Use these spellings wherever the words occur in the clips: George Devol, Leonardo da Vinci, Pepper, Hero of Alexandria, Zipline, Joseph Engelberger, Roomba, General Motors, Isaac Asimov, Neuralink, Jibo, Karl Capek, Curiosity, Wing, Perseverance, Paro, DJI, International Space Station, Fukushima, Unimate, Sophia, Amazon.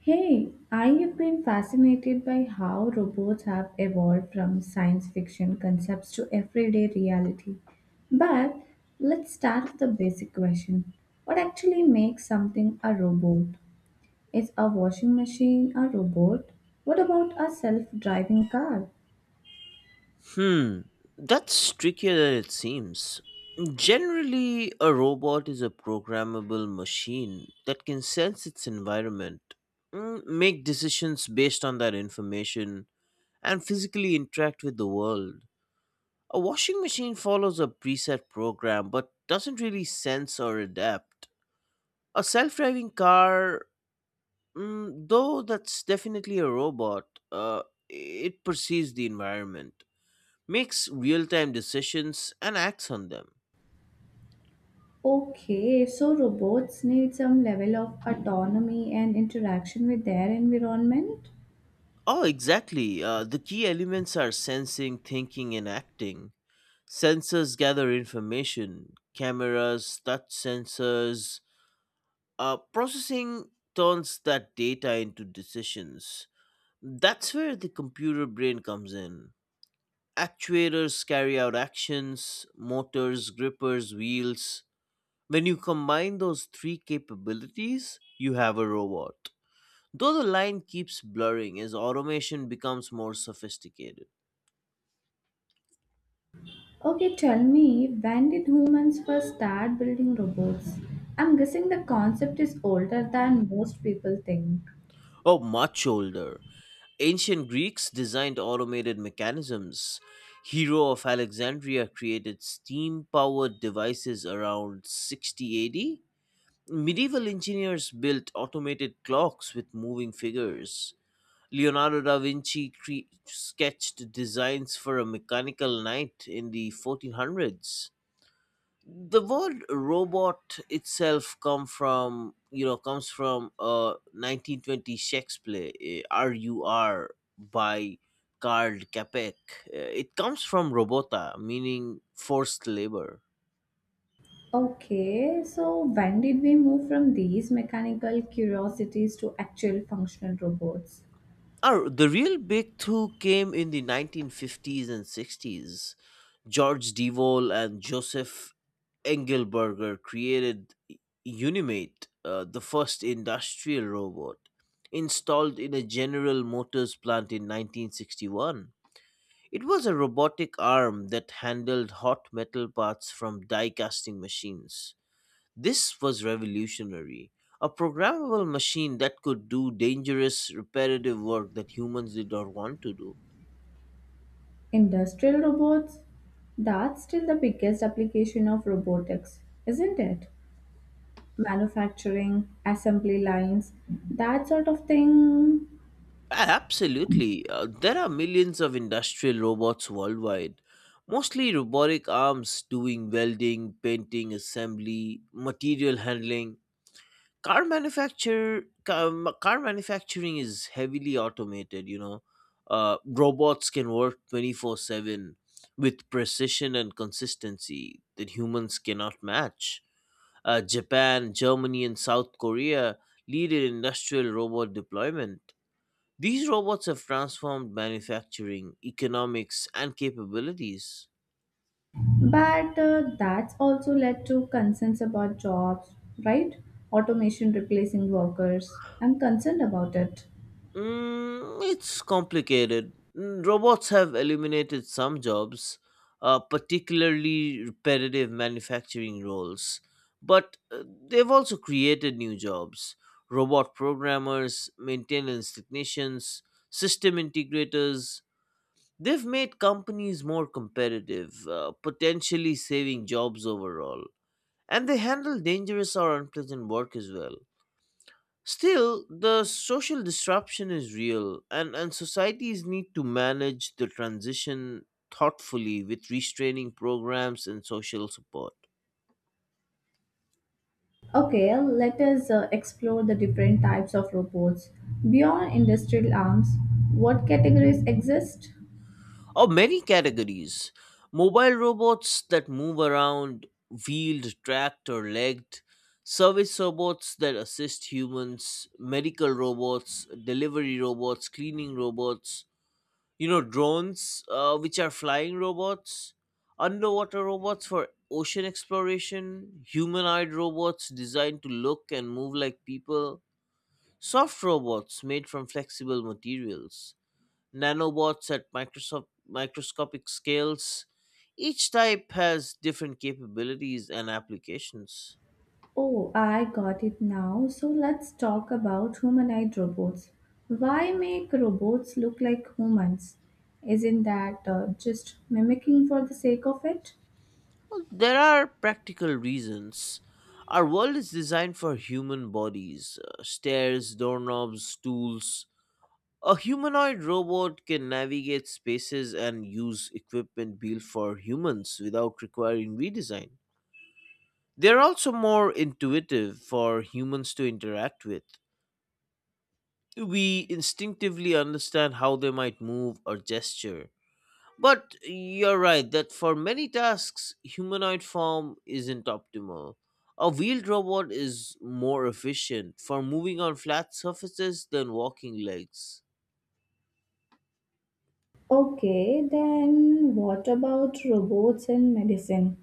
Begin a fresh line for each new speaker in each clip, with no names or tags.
Hey, I have been fascinated by how robots have evolved from science fiction concepts to everyday reality. But let's start with a basic question. What actually makes something a robot? Is a washing machine a robot? What about a self-driving car?
Hmm, that's trickier than it seems. Generally, a robot is a programmable machine that can sense its environment, make decisions based on that information, and physically interact with the world. A washing machine follows a preset program but doesn't really sense or adapt. A self driving car, though that's definitely a robot, it perceives the environment makes real time decisions and acts on them.
Okay, so robots need some level of autonomy and interaction with their environment?
Oh, exactly. The key elements are sensing, thinking, and acting. Sensors gather information, cameras, touch sensors. Processing turns that data into decisions. That's where the computer brain comes in. Actuators carry out actions, motors, grippers, wheels. When you combine those three capabilities, you have a robot. Though the line keeps blurring as automation becomes more sophisticated.
Okay, tell me, when did humans first start building robots? I'm guessing the concept is older than most people think.
Oh, much older. Ancient Greeks designed automated mechanisms. Hero of Alexandria created steam powered devices around 60 AD. Medieval engineers built automated clocks with moving figures. Leonardo da Vinci sketched designs for a mechanical knight in the 1400s. The word robot itself comes from 1920 Shakespeare RUR by Karl Capek. It comes from robota, meaning forced labor.
Okay, so when did we move from these mechanical curiosities to actual functional robots?
Oh, the real big two came in the 1950s and 60s. George Devol and Joseph Engelberger created Unimate, the first industrial robot, installed in a General Motors plant in 1961. It was a robotic arm that handled hot metal parts from die casting machines. This was revolutionary. A programmable machine that could do dangerous repetitive work that humans did not want to do.
Industrial robots? That's still the biggest application of robotics, isn't it? Manufacturing, assembly lines, that sort of thing.
Absolutely. There are millions of industrial robots worldwide, mostly robotic arms doing welding, painting, assembly, material handling. Car manufacture car, car manufacturing is heavily automated, you know. Robots can work 24/7 with precision and consistency that humans cannot match. Japan, Germany and South Korea lead in industrial robot deployment. These robots have transformed manufacturing, economics, and capabilities.
But that's also led to concerns about jobs, right? Automation replacing workers. I'm concerned about it.
Mm, it's complicated. Mm, robots have eliminated some jobs, particularly repetitive manufacturing roles, but they've also created new jobs, robot programmers, maintenance technicians, system integrators. They've made companies more competitive, potentially saving jobs overall. And they handle dangerous or unpleasant work as well. Still, the social disruption is real, and societies need to manage the transition thoughtfully with restraining programs and social support.
Okay, let us explore the different types of robots. Beyond industrial arms, what categories exist?
Of many categories, mobile robots that move around, wheeled, tracked, or legged, service robots that assist humans, medical robots, delivery robots, cleaning robots, you know, drones, which are flying robots, underwater robots for ocean exploration, humanoid robots designed to look and move like people, soft robots made from flexible materials, nanobots at microsoft microscopic scales. Each type has different capabilities and applications.
Oh, I got it now. So let's talk about humanoid robots. Why make robots look like humans? Isn't that just mimicking for the sake of it?
Well, there are practical reasons. Our world is designed for human bodies, stairs, doorknobs, stools. A humanoid robot can navigate spaces and use equipment built for humans without requiring redesign. They're also more intuitive for humans to interact with. We instinctively understand how they might move or gesture. But you're right that for many tasks, humanoid form isn't optimal. A wheeled robot is more efficient for moving on flat surfaces than walking legs.
Okay, then what about robots in medicine?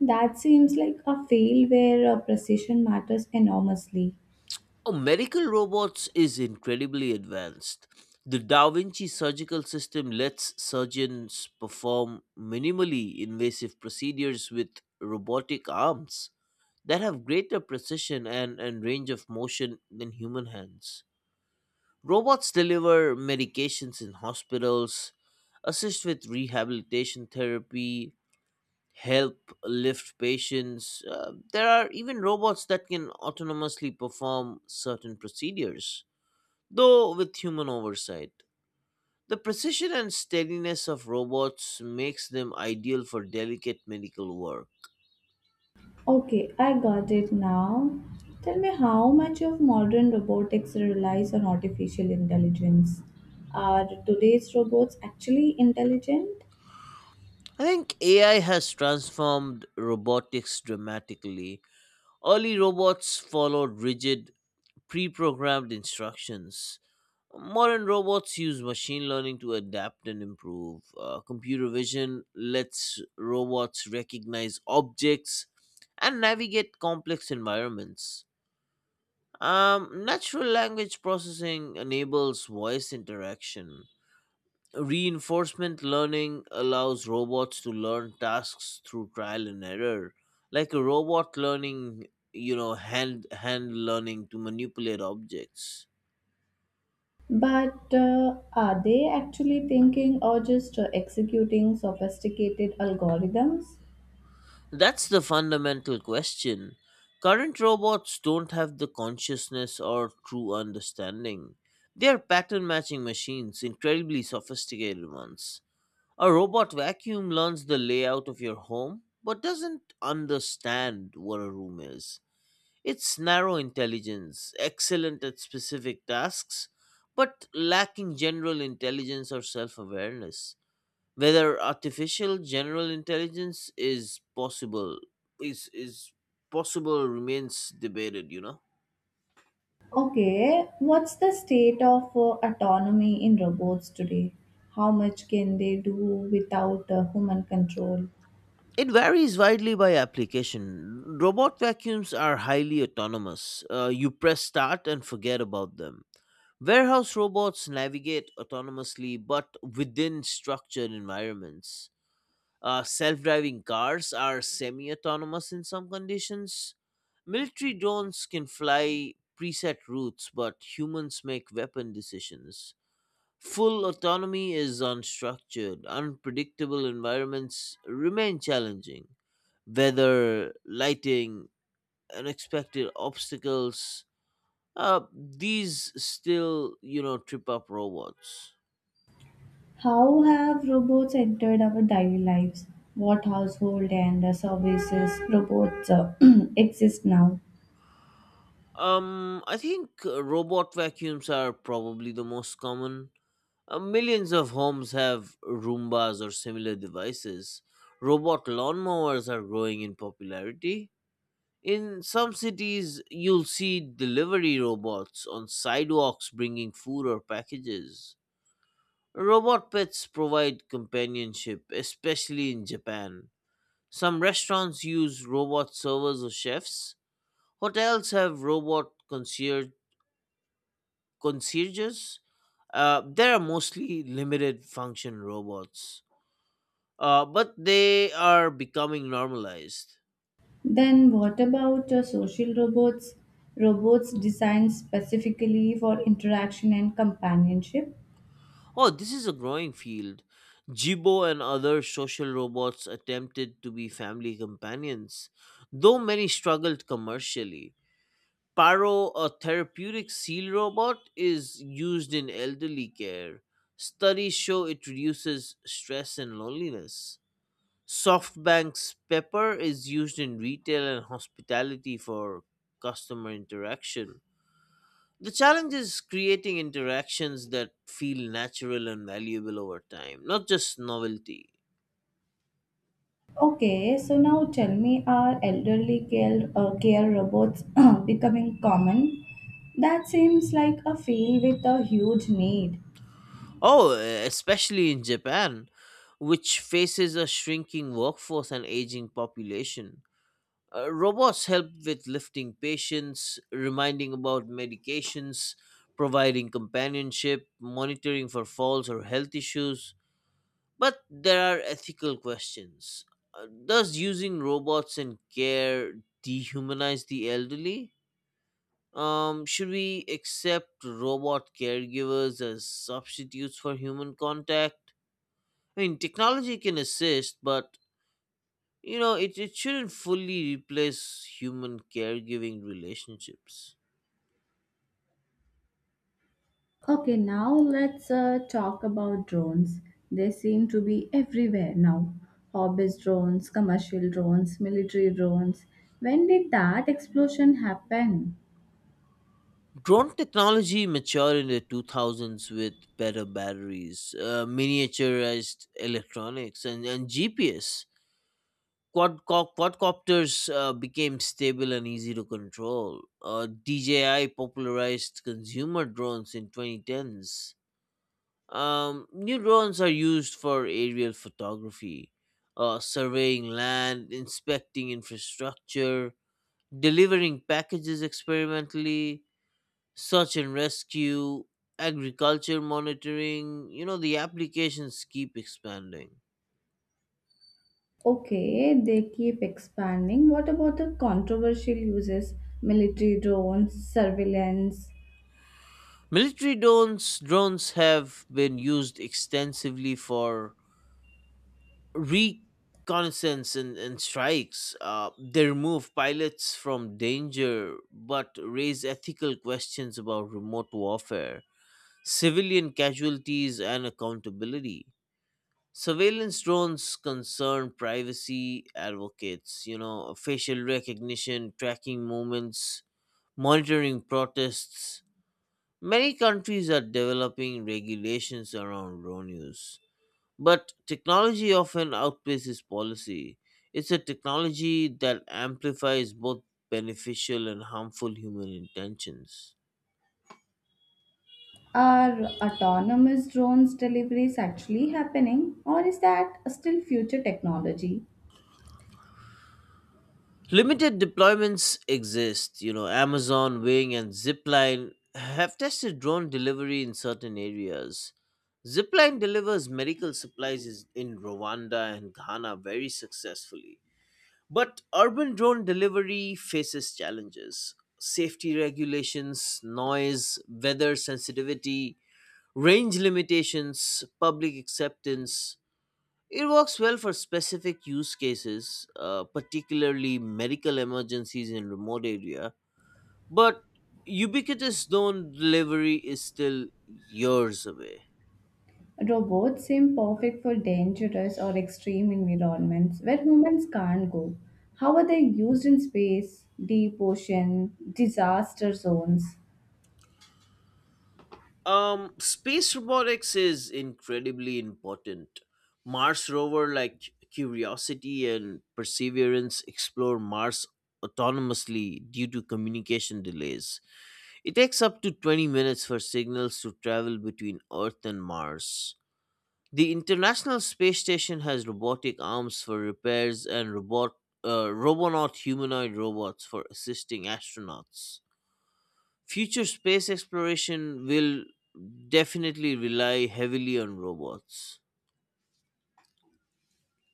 That seems like a field where precision matters enormously.
Oh, medical robots is incredibly advanced. The Da Vinci surgical system lets surgeons perform minimally invasive procedures with robotic arms that have greater precision and range of motion than human hands. Robots deliver medications in hospitals, assist with rehabilitation therapy, help lift patients. There are even robots that can autonomously perform certain procedures, though with human oversight. The precision and steadiness of robots makes them ideal for delicate medical work.
Okay, I got it now. Tell me, how much of modern robotics relies on artificial intelligence? Are today's robots actually intelligent?
I think AI has transformed robotics dramatically. Early robots followed rigid, pre programmed instructions. Modern robots use machine learning to adapt and improve. Computer vision lets robots recognize objects and navigate complex environments. Natural language processing enables voice interaction. Reinforcement learning allows robots to learn tasks through trial and error, like a robot learning, you know, hand learning to manipulate objects.
But are they actually thinking or just executing sophisticated algorithms?
That's the fundamental question. Current robots don't have the consciousness or true understanding. They are pattern matching machines, incredibly sophisticated ones. A robot vacuum learns the layout of your home but doesn't understand what a room is. It's narrow intelligence, excellent at specific tasks, but lacking general intelligence or self awareness. Whether artificial general intelligence is possible remains debated, you know.
Okay, what's the state of autonomy in robots today? How much can they do without human control?
It varies widely by application. Robot vacuums are highly autonomous, you press start and forget about them. Warehouse robots navigate autonomously but within structured environments. Self driving cars are semi autonomous in some conditions. Military drones can fly preset routes, but humans make weapon decisions. Full autonomy is unstructured. Unpredictable environments remain challenging. Weather, lighting, unexpected obstacles, these still, you know, trip up robots.
How have robots entered our daily lives? What household and services robots exist now?
I think robot vacuums are probably the most common. Millions of homes have Roombas or similar devices. Robot lawnmowers are growing in popularity. In some cities, you'll see delivery robots on sidewalks bringing food or packages. Robot pets provide companionship, especially in Japan. Some restaurants use robot servers or chefs. Hotels have robot concierges. There are mostly limited function robots, but they are becoming normalized.
Then, what about social robots? Robots designed specifically for interaction and companionship?
Oh, this is a growing field. Jibo and other social robots attempted to be family companions, though many struggled commercially. Paro, a therapeutic seal robot, is used in elderly care. Studies show it reduces stress and loneliness. SoftBank's Pepper is used in retail and hospitality for customer interaction. The challenge is creating interactions that feel natural and valuable over time, not just novelty.
Okay, so now tell me, are elderly care, care robots becoming common? That seems like a field with a huge need.
Oh, especially in Japan, which faces a shrinking workforce and aging population. Robots help with lifting patients, reminding about medications, providing companionship, monitoring for falls or health issues. But there are ethical questions. Does using robots in care dehumanize the elderly? Should we accept robot caregivers as substitutes for human contact? I mean, technology can assist, but you know, it shouldn't fully replace human caregiving relationships.
Okay, now let's talk about drones. They seem to be everywhere now. Hobbyist drones, commercial drones, military drones. When did that explosion happen?
Drone technology matured in the 2000s with better batteries, miniaturized electronics, and GPS. Quadcopters became stable and easy to control. DJI popularized consumer drones in 2010s. New drones are used for aerial photography, surveying land, inspecting infrastructure, delivering packages experimentally, search and rescue, agriculture monitoring. You know, the applications keep expanding.
Okay, they keep expanding. What about the controversial uses? Military drones, surveillance.
Military drones have been used extensively for reconnaissance and strikes. They remove pilots from danger, but raise ethical questions about remote warfare, civilian casualties, and accountability. Surveillance drones concern privacy advocates, you know, facial recognition, tracking movements, monitoring protests. Many countries are developing regulations around drone use, but technology often outpaces policy. It's a technology that amplifies both beneficial and harmful human intentions.
Are autonomous drones deliveries actually happening, or is that still future technology?
Limited deployments exist. You know, Amazon, Wing, and Zipline have tested drone delivery in certain areas. Zipline delivers medical supplies in Rwanda and Ghana very successfully. But urban drone delivery faces challenges, safety regulations, noise, weather sensitivity, range limitations, public acceptance. It works well for specific use cases, particularly medical emergencies in remote area, but ubiquitous drone delivery is still years away.
Robots seem perfect for dangerous or extreme environments where humans can't go. How are they used in space, deep ocean, disaster zones?
Space robotics is incredibly important. Mars rover like Curiosity and Perseverance explore Mars autonomously due to communication delays. It takes up to 20 minutes for signals to travel between Earth and Mars. The International Space Station has robotic arms for repairs and robot robonaut humanoid robots for assisting astronauts. Future space exploration will definitely rely heavily on robots.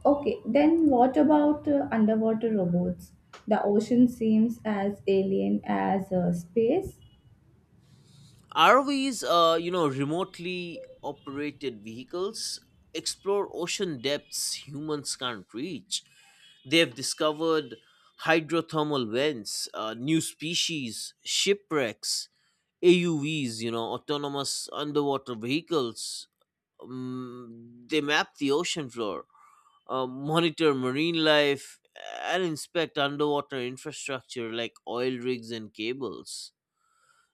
Okay, then what about underwater robots? The ocean seems as alien as space.
ROVs are, you know, remotely operated vehicles explore ocean depths humans can't reach. They have discovered hydrothermal vents, new species, shipwrecks, AUVs, you know, autonomous underwater vehicles. They map the ocean floor, monitor marine life, and inspect underwater infrastructure like oil rigs and cables.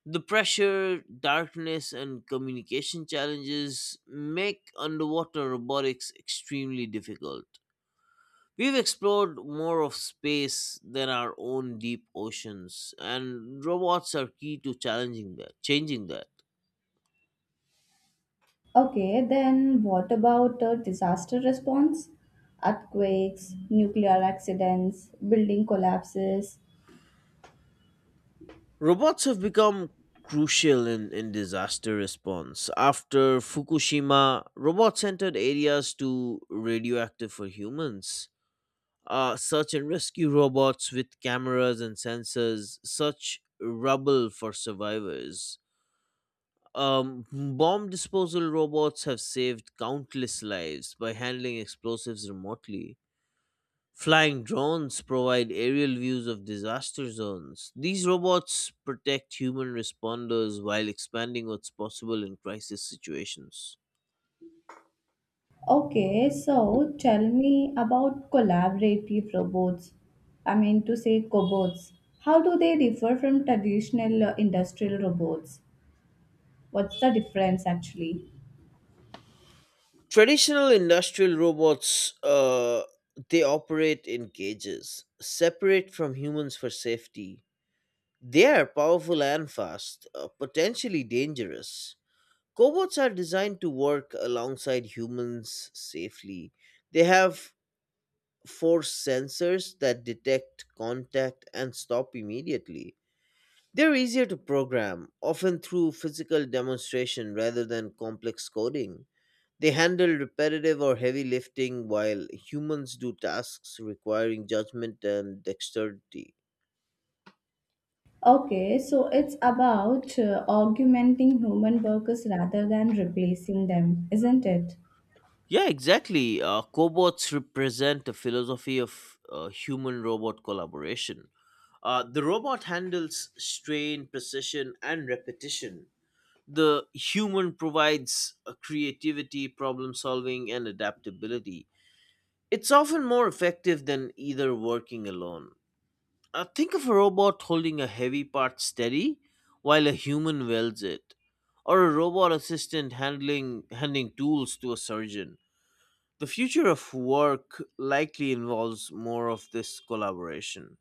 The pressure, darkness, and communication challenges make underwater robotics extremely difficult. We've explored more of space than our own deep oceans, and robots are key to changing that.
Okay, then what about disaster response? Earthquakes, nuclear accidents, building collapses.
Robots have become crucial in disaster response. After Fukushima, robots entered areas too radioactive for humans. Search and rescue robots with cameras and sensors search rubble for survivors. Um, bomb disposal robots have saved countless lives by handling explosives remotely. Flying drones provide aerial views of disaster zones. These robots protect human responders while expanding what's possible in crisis situations.
Okay, so tell me about collaborative robots. I mean to say cobots. How do they differ from traditional industrial robots? What's the difference actually?
Traditional industrial robots, they operate in cages, separate from humans for safety. They are powerful and fast, potentially dangerous. Cobots are designed to work alongside humans safely. They have force sensors that detect contact and stop immediately. They're easier to program, often through physical demonstration rather than complex coding. They handle repetitive or heavy lifting while humans do tasks requiring judgment and dexterity.
Okay, so it's about augmenting human workers rather than replacing them, isn't it?
Yeah, exactly. Cobots represent a philosophy of human robot collaboration. The robot handles strain, precision, and repetition, the human provides a creativity, problem solving, and adaptability. It's often more effective than either working alone. Think of a robot holding a heavy part steady while a human welds it, or a robot assistant handling handing tools to a surgeon. The future of work likely involves more of this collaboration.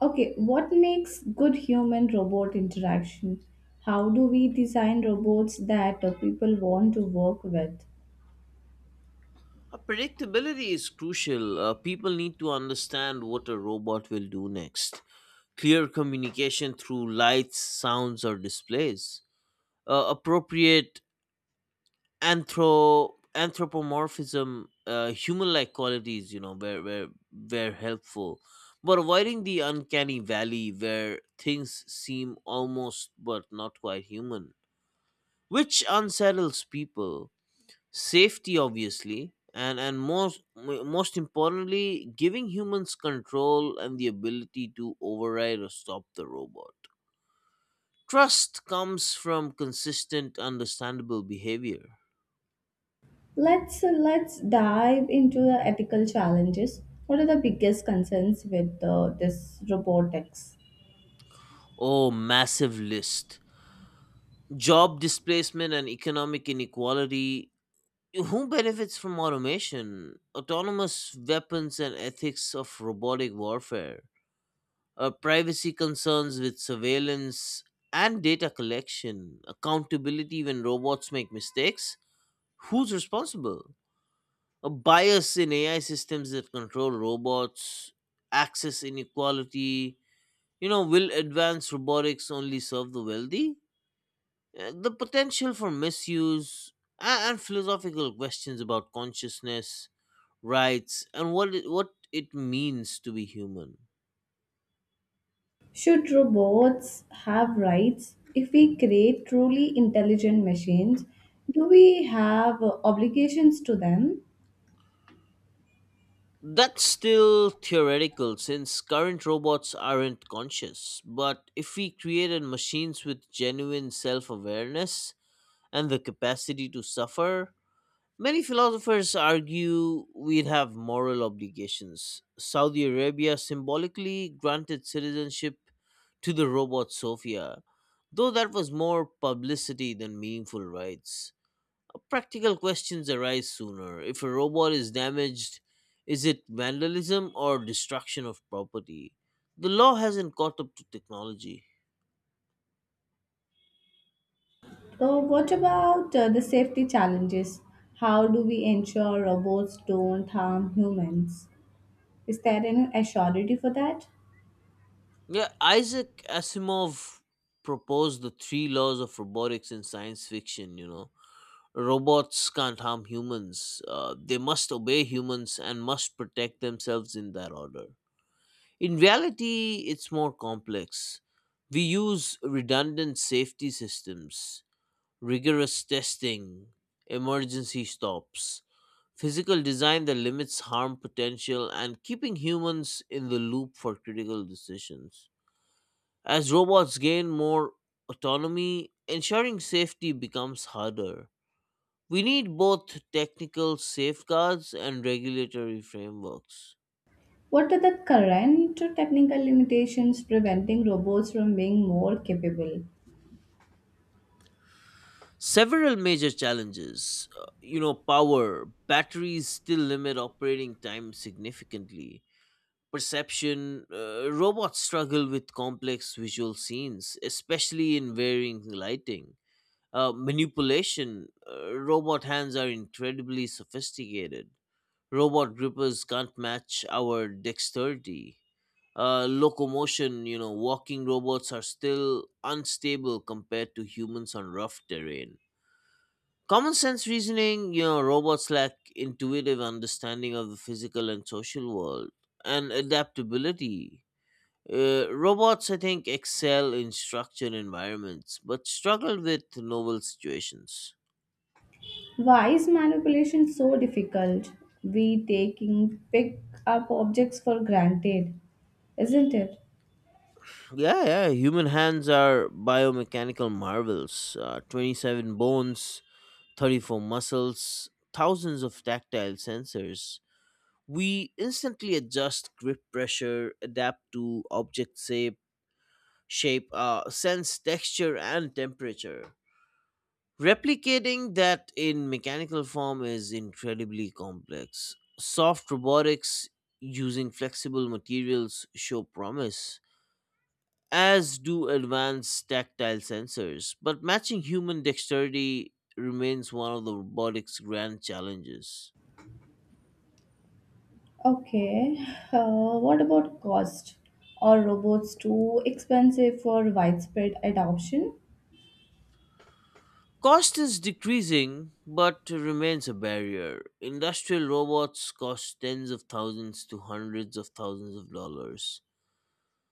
Okay, what makes good human robot interaction? How do we design robots that people want to work with?
Predictability is crucial. People need to understand what a robot will do next. Clear communication through lights, sounds, or displays, appropriate anthropomorphism, human-like qualities, you know, where helpful, but avoiding the uncanny valley where things seem almost but not quite human, which unsettles people. Safety, obviously. And most importantly, giving humans control and the ability to override or stop the robot. Trust comes from consistent, understandable behavior.
Let's dive into the ethical challenges. What are the biggest concerns with this robotics?
Oh, massive list. Job displacement and economic inequality. Who benefits from automation? Autonomous weapons and ethics of robotic warfare. Privacy concerns with surveillance and data collection. Accountability when robots make mistakes. Who's responsible? A bias in AI systems that control robots. Access inequality. You know, will advanced robotics only serve the wealthy? The potential for misuse and philosophical questions about consciousness, rights, and what it means to be human.
Should robots have rights? If we create truly intelligent machines, do we have obligations to them?
That's still theoretical since current robots aren't conscious. But if we created machines with genuine self awareness and the capacity to suffer, many philosophers argue we'd have moral obligations. Saudi Arabia symbolically granted citizenship to the robot Sophia, though that was more publicity than meaningful rights. Practical questions arise sooner. If a robot is damaged, is it vandalism or destruction of property? The law hasn't caught up to technology.
What about the safety challenges? How do we ensure robots don't harm humans? Is there any assurity for that?
Yeah, Isaac Asimov proposed the three laws of robotics in science fiction, you know. Robots can't harm humans. They must obey humans and must protect themselves in that order. In reality, it's more complex. We use redundant safety systems, rigorous testing, emergency stops, physical design that limits harm potential, and keeping humans in the loop for critical decisions. As robots gain more autonomy, ensuring safety becomes harder. We need both technical safeguards and regulatory frameworks.
What are the current technical limitations preventing robots from being more capable?
Several major challenges, you know, power, batteries still limit operating time significantly. Perception, robots struggle with complex visual scenes, especially in varying lighting. Manipulation, robot hands are incredibly sophisticated. Robot grippers can't match our dexterity, locomotion, you know, walking robots are still unstable compared to humans on rough terrain. Common sense reasoning, you know, robots lack intuitive understanding of the physical and social world and adaptability. Robots, I think, excel in structured environments but struggle with novel situations.
Why is manipulation so difficult? We taking pick up objects for granted, isn't it?
Yeah, yeah, human hands are biomechanical marvels. 27 bones, 34 muscles, thousands of tactile sensors. We instantly adjust grip pressure, adapt to object shape, sense texture, and temperature. Replicating that in mechanical form is incredibly complex. Soft robotics using flexible materials show promise, as do advanced tactile sensors, but matching human dexterity remains one of the robotics' grand challenges.
Okay. What about cost? Are robots too expensive for widespread adoption?
Cost is decreasing, but remains a barrier. Industrial robots cost tens of thousands to hundreds of thousands of dollars.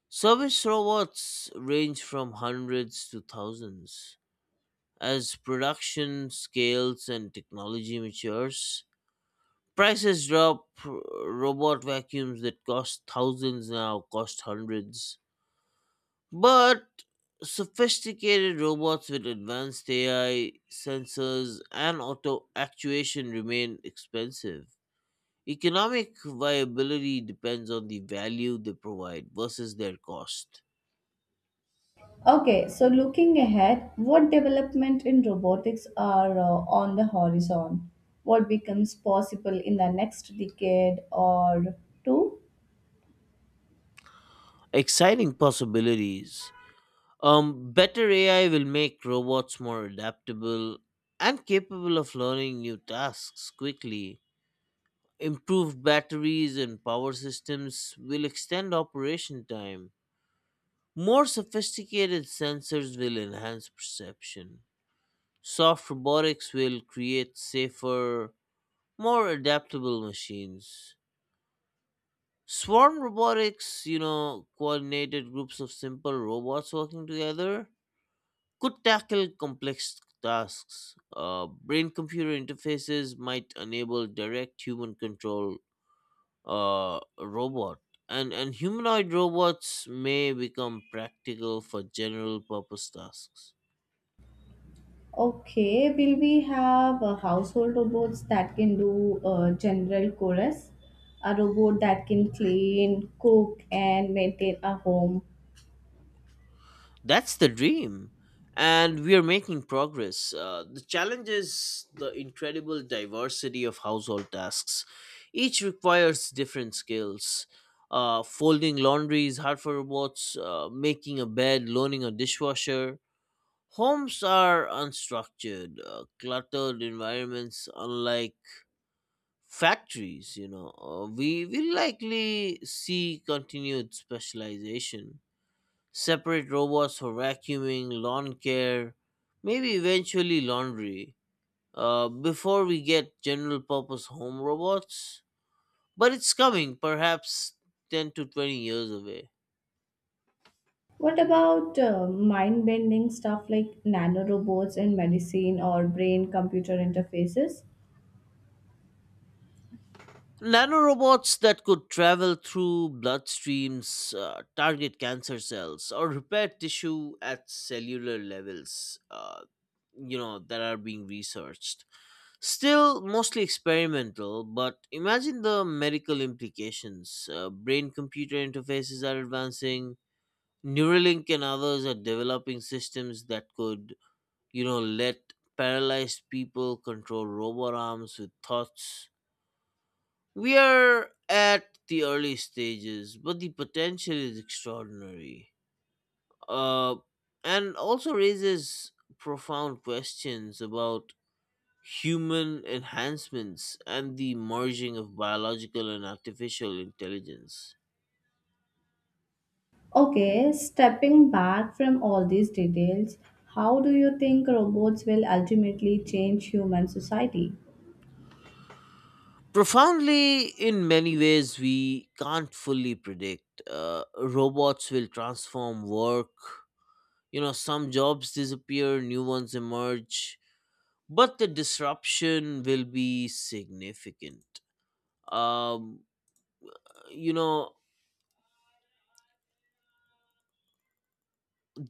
Service robots range from hundreds to thousands. As production scales and technology matures, prices drop. Robot vacuums that cost thousands now cost hundreds. But sophisticated robots with advanced AI, sensors, and auto actuation remain expensive. Economic viability depends on the value they provide versus their cost.
Okay, so looking ahead, what development in robotics are on the horizon? What becomes possible in the next decade or two?
Exciting possibilities. Better AI will make robots more adaptable and capable of learning new tasks quickly. Improved batteries and power systems will extend operation time. More sophisticated sensors will enhance perception. Soft robotics will create safer, more adaptable machines. Swarm robotics, you know, coordinated groups of simple robots working together, could tackle complex tasks. Brain computer interfaces might enable direct human control, a robot. And humanoid robots may become practical for general purpose tasks.
Okay, will we have household robots that can do general chores? A robot that can clean, cook, and maintain a home?
That's the dream. And we are making progress. The challenge is the incredible diversity of household tasks. Each requires different skills. Folding laundry is hard for robots, making a bed, loaning a dishwasher. Homes are unstructured, cluttered environments, unlike factories, you know. We will likely see continued specialization, separate robots for vacuuming, lawn care, maybe eventually laundry, before we get general purpose home robots. But it's coming, perhaps 10 to 20 years away.
What about mind bending stuff like nanorobots in medicine or brain computer interfaces?
Nanorobots that could travel through bloodstreams, target cancer cells, or repair tissue at cellular levels, you know, that are being researched. Still mostly experimental, but imagine the medical implications. Brain computer interfaces are advancing. Neuralink and others are developing systems that could, you know, let paralyzed people control robot arms with thoughts. We are at the early stages, but the potential is extraordinary. Uh, and also raises profound questions about human enhancements, and the merging of biological and artificial intelligence.
Okay, stepping back from all these details, how do you think robots will ultimately change human society?
Profoundly, in many ways, we can't fully predict. Robots will transform work. You know, some jobs disappear, new ones emerge, but the disruption will be significant. Um, you know,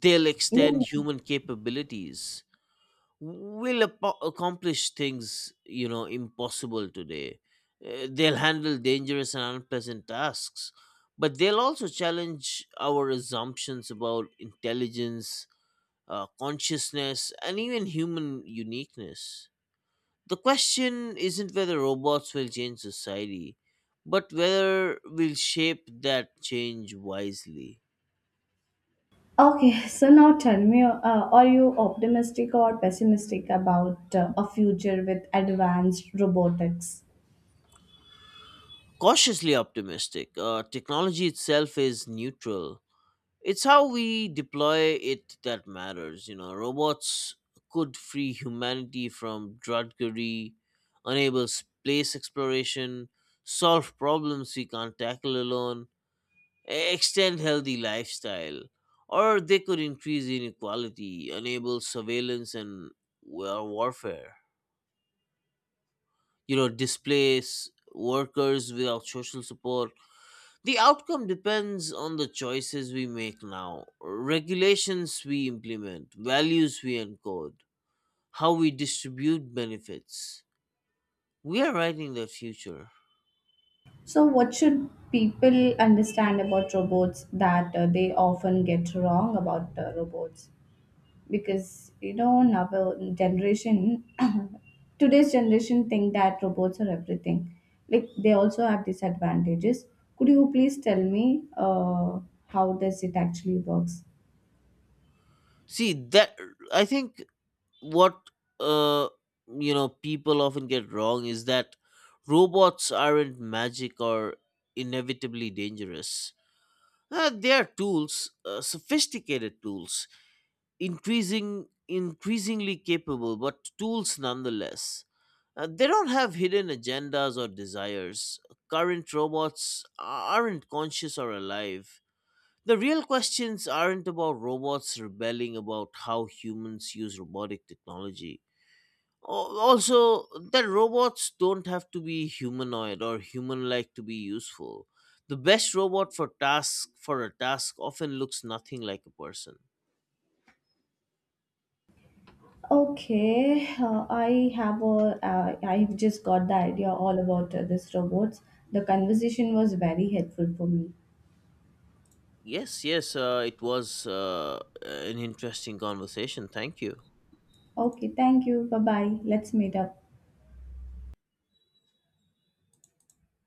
they'll
Yeah.
extend human capabilities, will accomplish things you know impossible today. They'll handle dangerous and unpleasant tasks, but they'll also challenge our assumptions about intelligence, consciousness and even human uniqueness. The question isn't whether robots will change society, but whether we'll shape that change wisely.
Okay, so now tell me, are you optimistic or pessimistic about a future with advanced robotics?
Cautiously optimistic. Technology itself is neutral, it's how we deploy it that matters. You know, robots could free humanity from drudgery, enable space exploration, solve problems we can't tackle alone, extend healthy lifestyle, or they could increase inequality, enable surveillance and, well, warfare. You know, displace workers without social support, the outcome depends on the choices we make now, regulations we implement, values we encode, how we distribute benefits. We are writing the future.
So, what should people understand about robots that they often get wrong about robots? Because you know, now the generation today's generation think that robots are everything, like they also have disadvantages. Could you please tell me how does it actually works?
See that, I think, what, uh, you know, people often get wrong is that robots aren't magic or inevitably dangerous. They are tools, sophisticated tools, increasingly capable but tools nonetheless. They don't have hidden agendas or desires. Current robots aren't conscious or alive. The real questions aren't about robots rebelling, about how humans use robotic technology. Also, that robots don't have to be humanoid or human like to be useful. The best robot for task for a task often looks nothing like a person.
Okay, I have a I've just got the idea all about this robots. The conversation was very helpful for me.
Yes, yes, it was an interesting conversation. Thank you.
Okay, thank you. Bye bye, let's meet up.